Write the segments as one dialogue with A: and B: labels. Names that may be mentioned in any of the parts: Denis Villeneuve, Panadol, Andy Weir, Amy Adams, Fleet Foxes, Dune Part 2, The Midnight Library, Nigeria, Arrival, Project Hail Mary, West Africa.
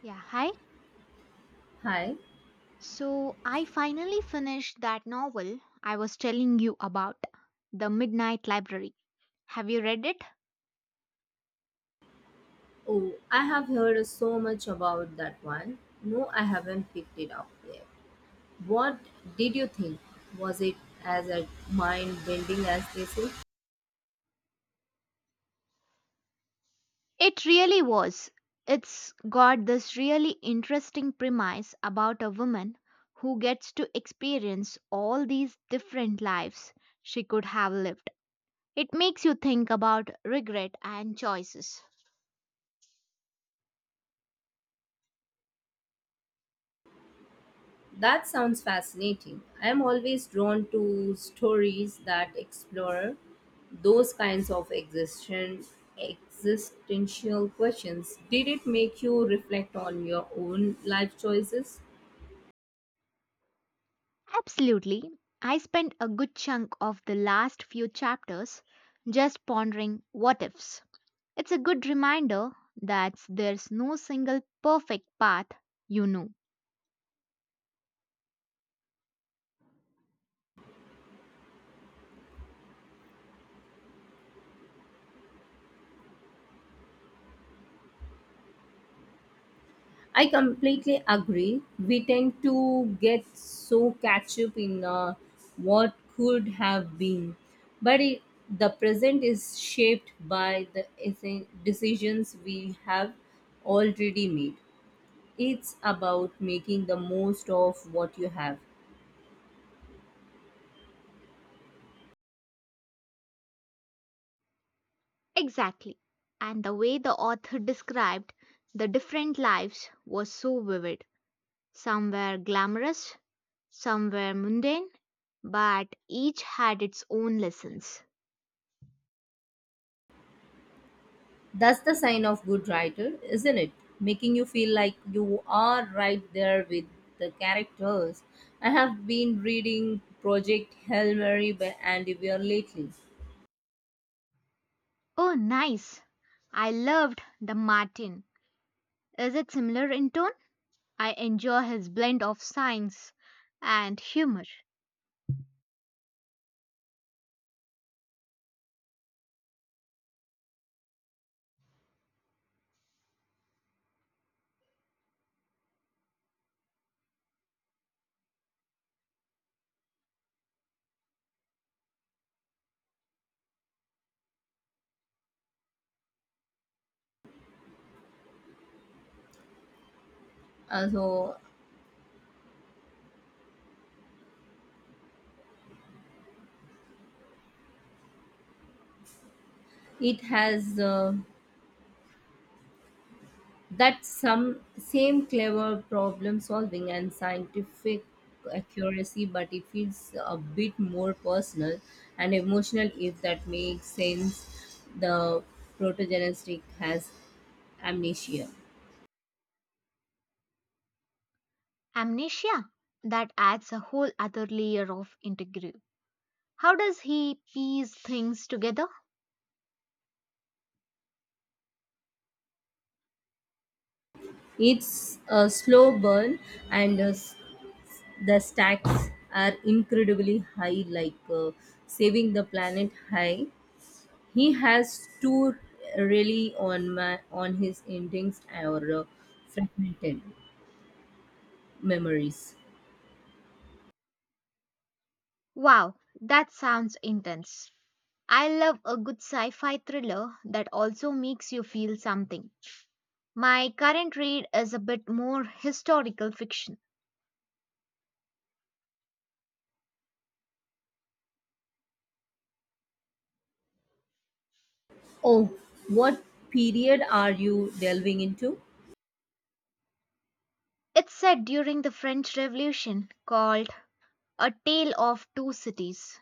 A: Yeah, hi.
B: Hi.
A: So I finally finished that novel I was telling you about, The Midnight Library. Have you read it?
B: Oh, I have heard so much about that one. No, I haven't picked it up yet. What did you think? Was it as a mind bending as they say?
A: It really was. It's got this really interesting premise about a woman who gets to experience all these different lives she could have lived. It makes you think about regret and choices.
B: That sounds fascinating. I am always drawn to stories that explore those kinds of existential questions? Did it make you reflect on your own life choices?
A: Absolutely. I spent a good chunk of the last few chapters just pondering what ifs. It's a good reminder that there's no single perfect path, you know.
B: I completely agree. We tend to get so catch up in what could have been, but the present is shaped by the decisions we have already made. It's about making the most of what you have.
A: Exactly. And the way the author described the different lives was so vivid. Some were glamorous, some were mundane, but each had its own lessons.
B: That's the sign of good writer, isn't it? Making you feel like you are right there with the characters. I have been reading Project Hail Mary by Andy Weir lately.
A: Oh, nice. I loved The Martin. Is it similar in tone? I enjoy his blend of science and humor.
B: So it has that some same clever problem solving and scientific accuracy, but it feels a bit more personal and emotional if that makes sense. The protogenetic has amnesia.
A: Amnesia? That adds a whole other layer of integrity. How does he piece things together?
B: It's a slow burn, and the stacks are incredibly high, like saving the planet high. He has two really on his endings or fragmented memories.
A: Wow, that sounds intense. I love a good sci fi thriller that also makes you feel something. My current read is a bit more historical fiction.
B: Oh, what period are you delving into?
A: It's set during the French Revolution called A Tale of Two Cities.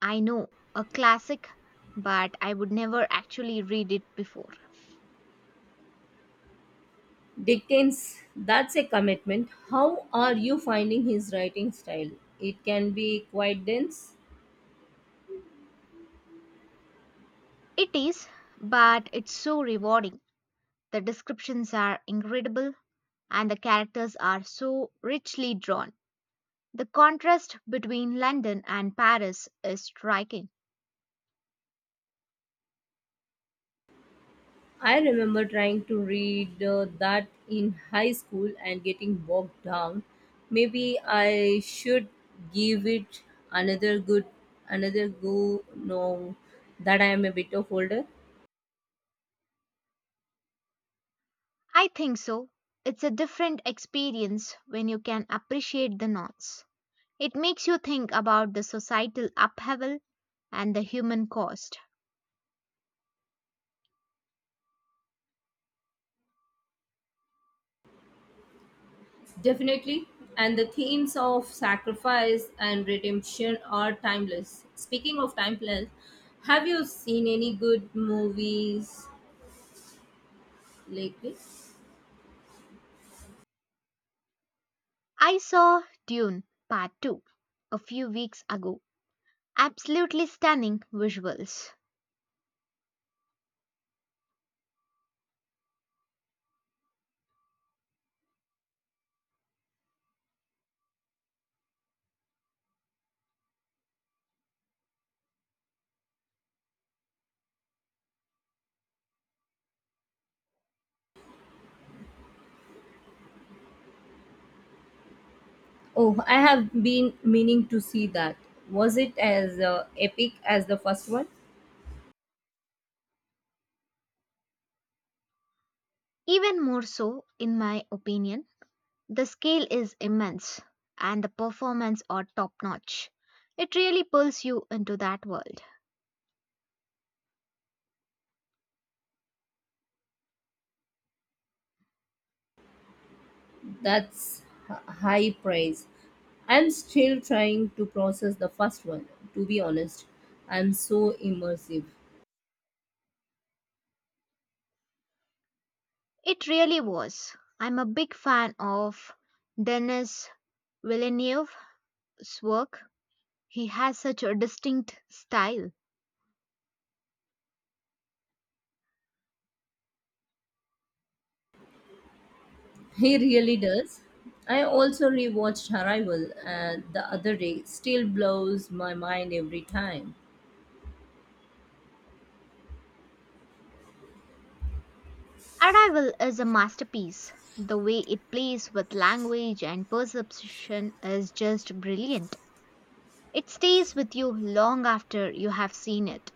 A: I know, a classic, but I would never actually read it before.
B: Dickens, that's a commitment. How are you finding his writing style? It can be quite dense.
A: It is, but it's so rewarding. The descriptions are incredible and the characters are so richly drawn. The contrast between London and Paris is striking.
B: I remember trying to read that in high school and getting bogged down. Maybe I should give it another good another go now that I am a bit of older.
A: I think so. It's a different experience when you can appreciate the knots. It makes you think about the societal upheaval and the human cost.
B: Definitely. And the themes of sacrifice and redemption are timeless. Speaking of timeless, have you seen any good movies lately?
A: I saw Dune Part 2 a few weeks ago. Absolutely stunning visuals.
B: Oh, I have been meaning to see that. Was it as epic as the first one?
A: Even more so, in my opinion. The scale is immense and the performance are top notch. It really pulls you into that world.
B: That's High praise. I'm still trying to process the first one, to be honest. I'm so immersive.
A: It really was. I'm a big fan of Denis Villeneuve's work. He has such a distinct style.
B: He really does. I also rewatched Arrival the other day. Still blows my mind every time.
A: Arrival is a masterpiece. The way it plays with language and perception is just brilliant. It stays with you long after you have seen it.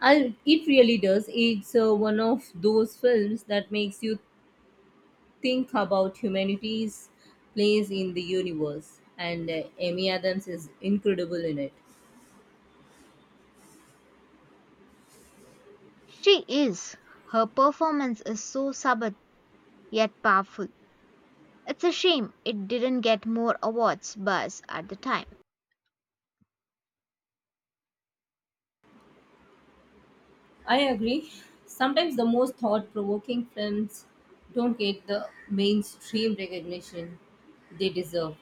B: I, it really does. It's one of those films that makes you think about humanity's place in the universe, and Amy Adams is incredible in it.
A: She is. Her performance is so subtle yet powerful. It's a shame it didn't get more awards buzz at the time.
B: I agree. Sometimes the most thought provoking films don't get the mainstream recognition they deserve.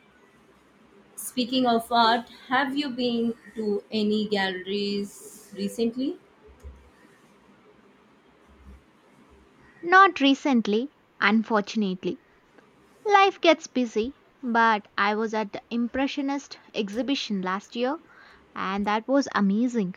B: Speaking of art, have you been to any galleries recently?
A: Not recently, unfortunately. Life gets busy, but I was at the Impressionist exhibition last year and that was amazing.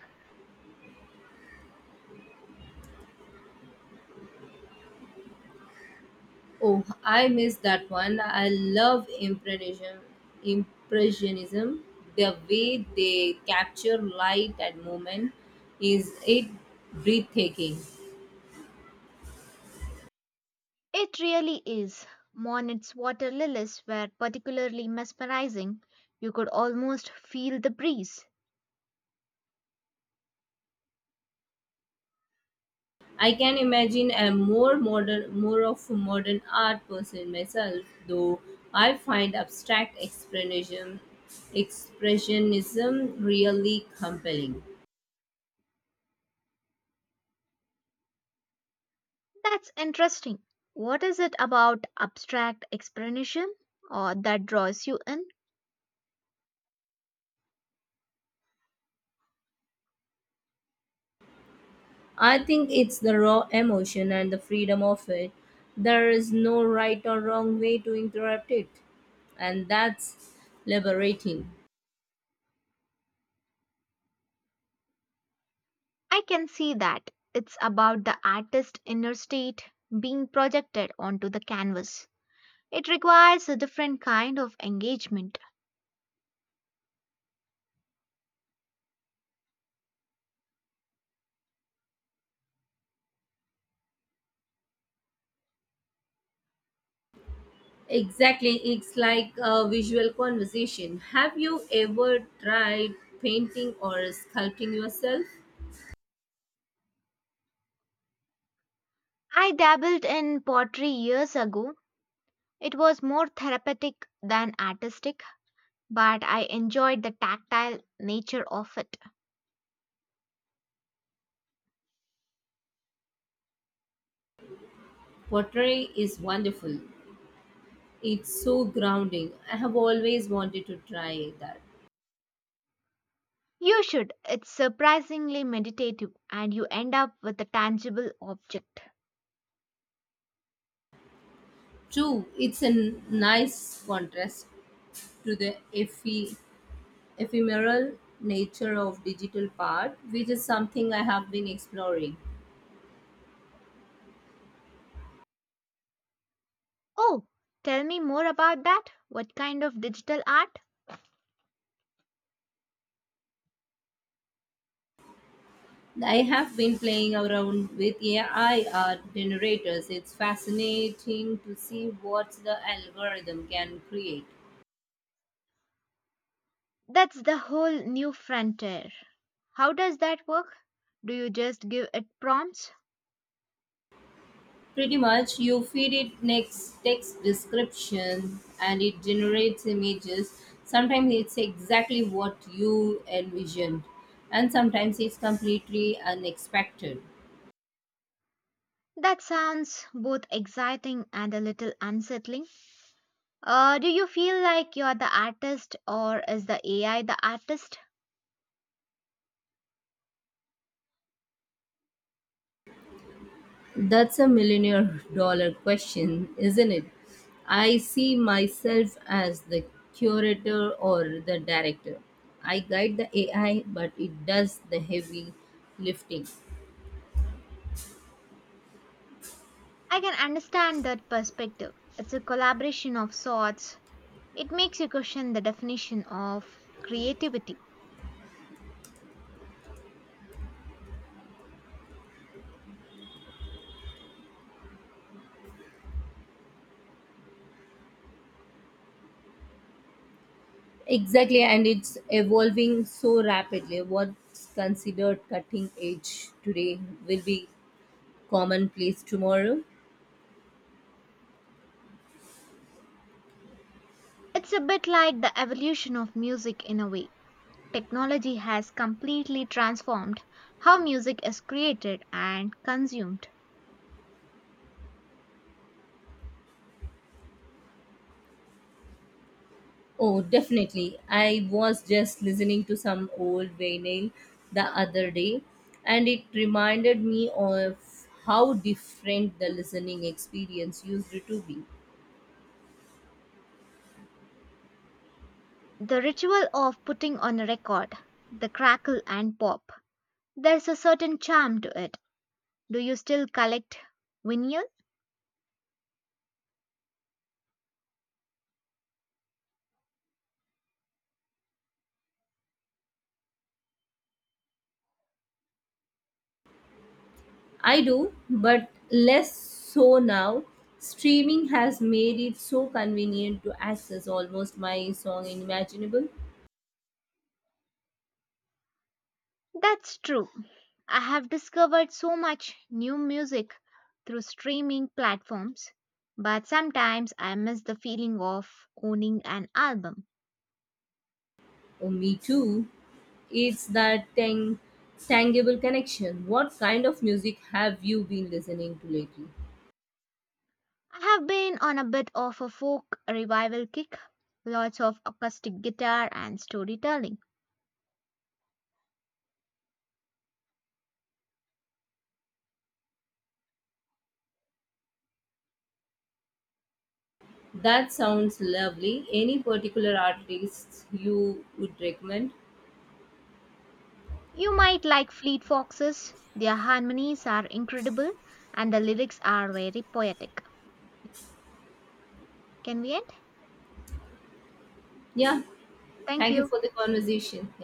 B: Oh, I miss that one. I love impressionism. Impressionism, the way they capture light and movement, is it breathtaking.
A: It really is. Monet's water lilies were particularly mesmerizing. You could almost feel the breeze.
B: I can imagine a more modern, more of modern art person myself, though I find abstract expressionism, expressionism really compelling.
A: That's interesting. What is it about abstract expressionism or that draws you in?
B: I think it's the raw emotion and the freedom of it. There is no right or wrong way to interrupt it, and that's liberating.
A: I can see that. It's about the artist's inner state being projected onto the canvas. It requires a different kind of engagement.
B: Exactly, it's like a visual conversation. Have you ever tried painting or sculpting yourself?
A: I dabbled in pottery years ago. It was more therapeutic than artistic, but I enjoyed the tactile nature of it.
B: Pottery is wonderful. It's so grounding. I have always wanted to try that.
A: You should. It's surprisingly meditative, and you end up with a tangible object.
B: Too, it's a nice contrast to the effie ephemeral nature of digital part, which is something I have been exploring.
A: Oh, tell me more about that. What kind of digital art?
B: I have been playing around with AI art generators. It's fascinating to see what the algorithm can create.
A: That's the whole new frontier. How does that work? Do you just give it prompts?
B: Pretty much, you feed it next text description and it generates images. Sometimes it's exactly what you envisioned, and sometimes it's completely unexpected.
A: That sounds both exciting and a little unsettling. Do you feel like you're the artist or is the AI the artist?
B: That's a millionaire dollar question, isn't it? I see myself as the curator or the director. I guide the AI, but it does the heavy lifting.
A: I can understand that perspective. It's a collaboration of sorts. It makes you question the definition of creativity.
B: Exactly, and it's evolving so rapidly. What's considered cutting edge today will be commonplace tomorrow.
A: It's a bit like the evolution of music in a way. Technology has completely transformed how music is created and consumed.
B: Oh, definitely. I was just listening to some old vinyl the other day, and it reminded me of how different the listening experience used to be.
A: The ritual of putting on a record, the crackle and pop, there's a certain charm to it. Do you still collect vinyl?
B: I do, but less so now. Streaming has made it so convenient to access almost my song imaginable.
A: That's true. I have discovered so much new music through streaming platforms, but sometimes I miss the feeling of owning an album.
B: Oh, me too. It's that tangible connection. What kind of music have you been listening to lately?
A: I have been on a bit of a folk revival kick. Lots of acoustic guitar and storytelling.
B: That sounds lovely. Any particular artists you would recommend?
A: You might like Fleet Foxes. Their harmonies are incredible and the lyrics are very poetic. Can we end?
B: Yeah.
A: Thank
B: Thank you
A: you.
B: for the conversation.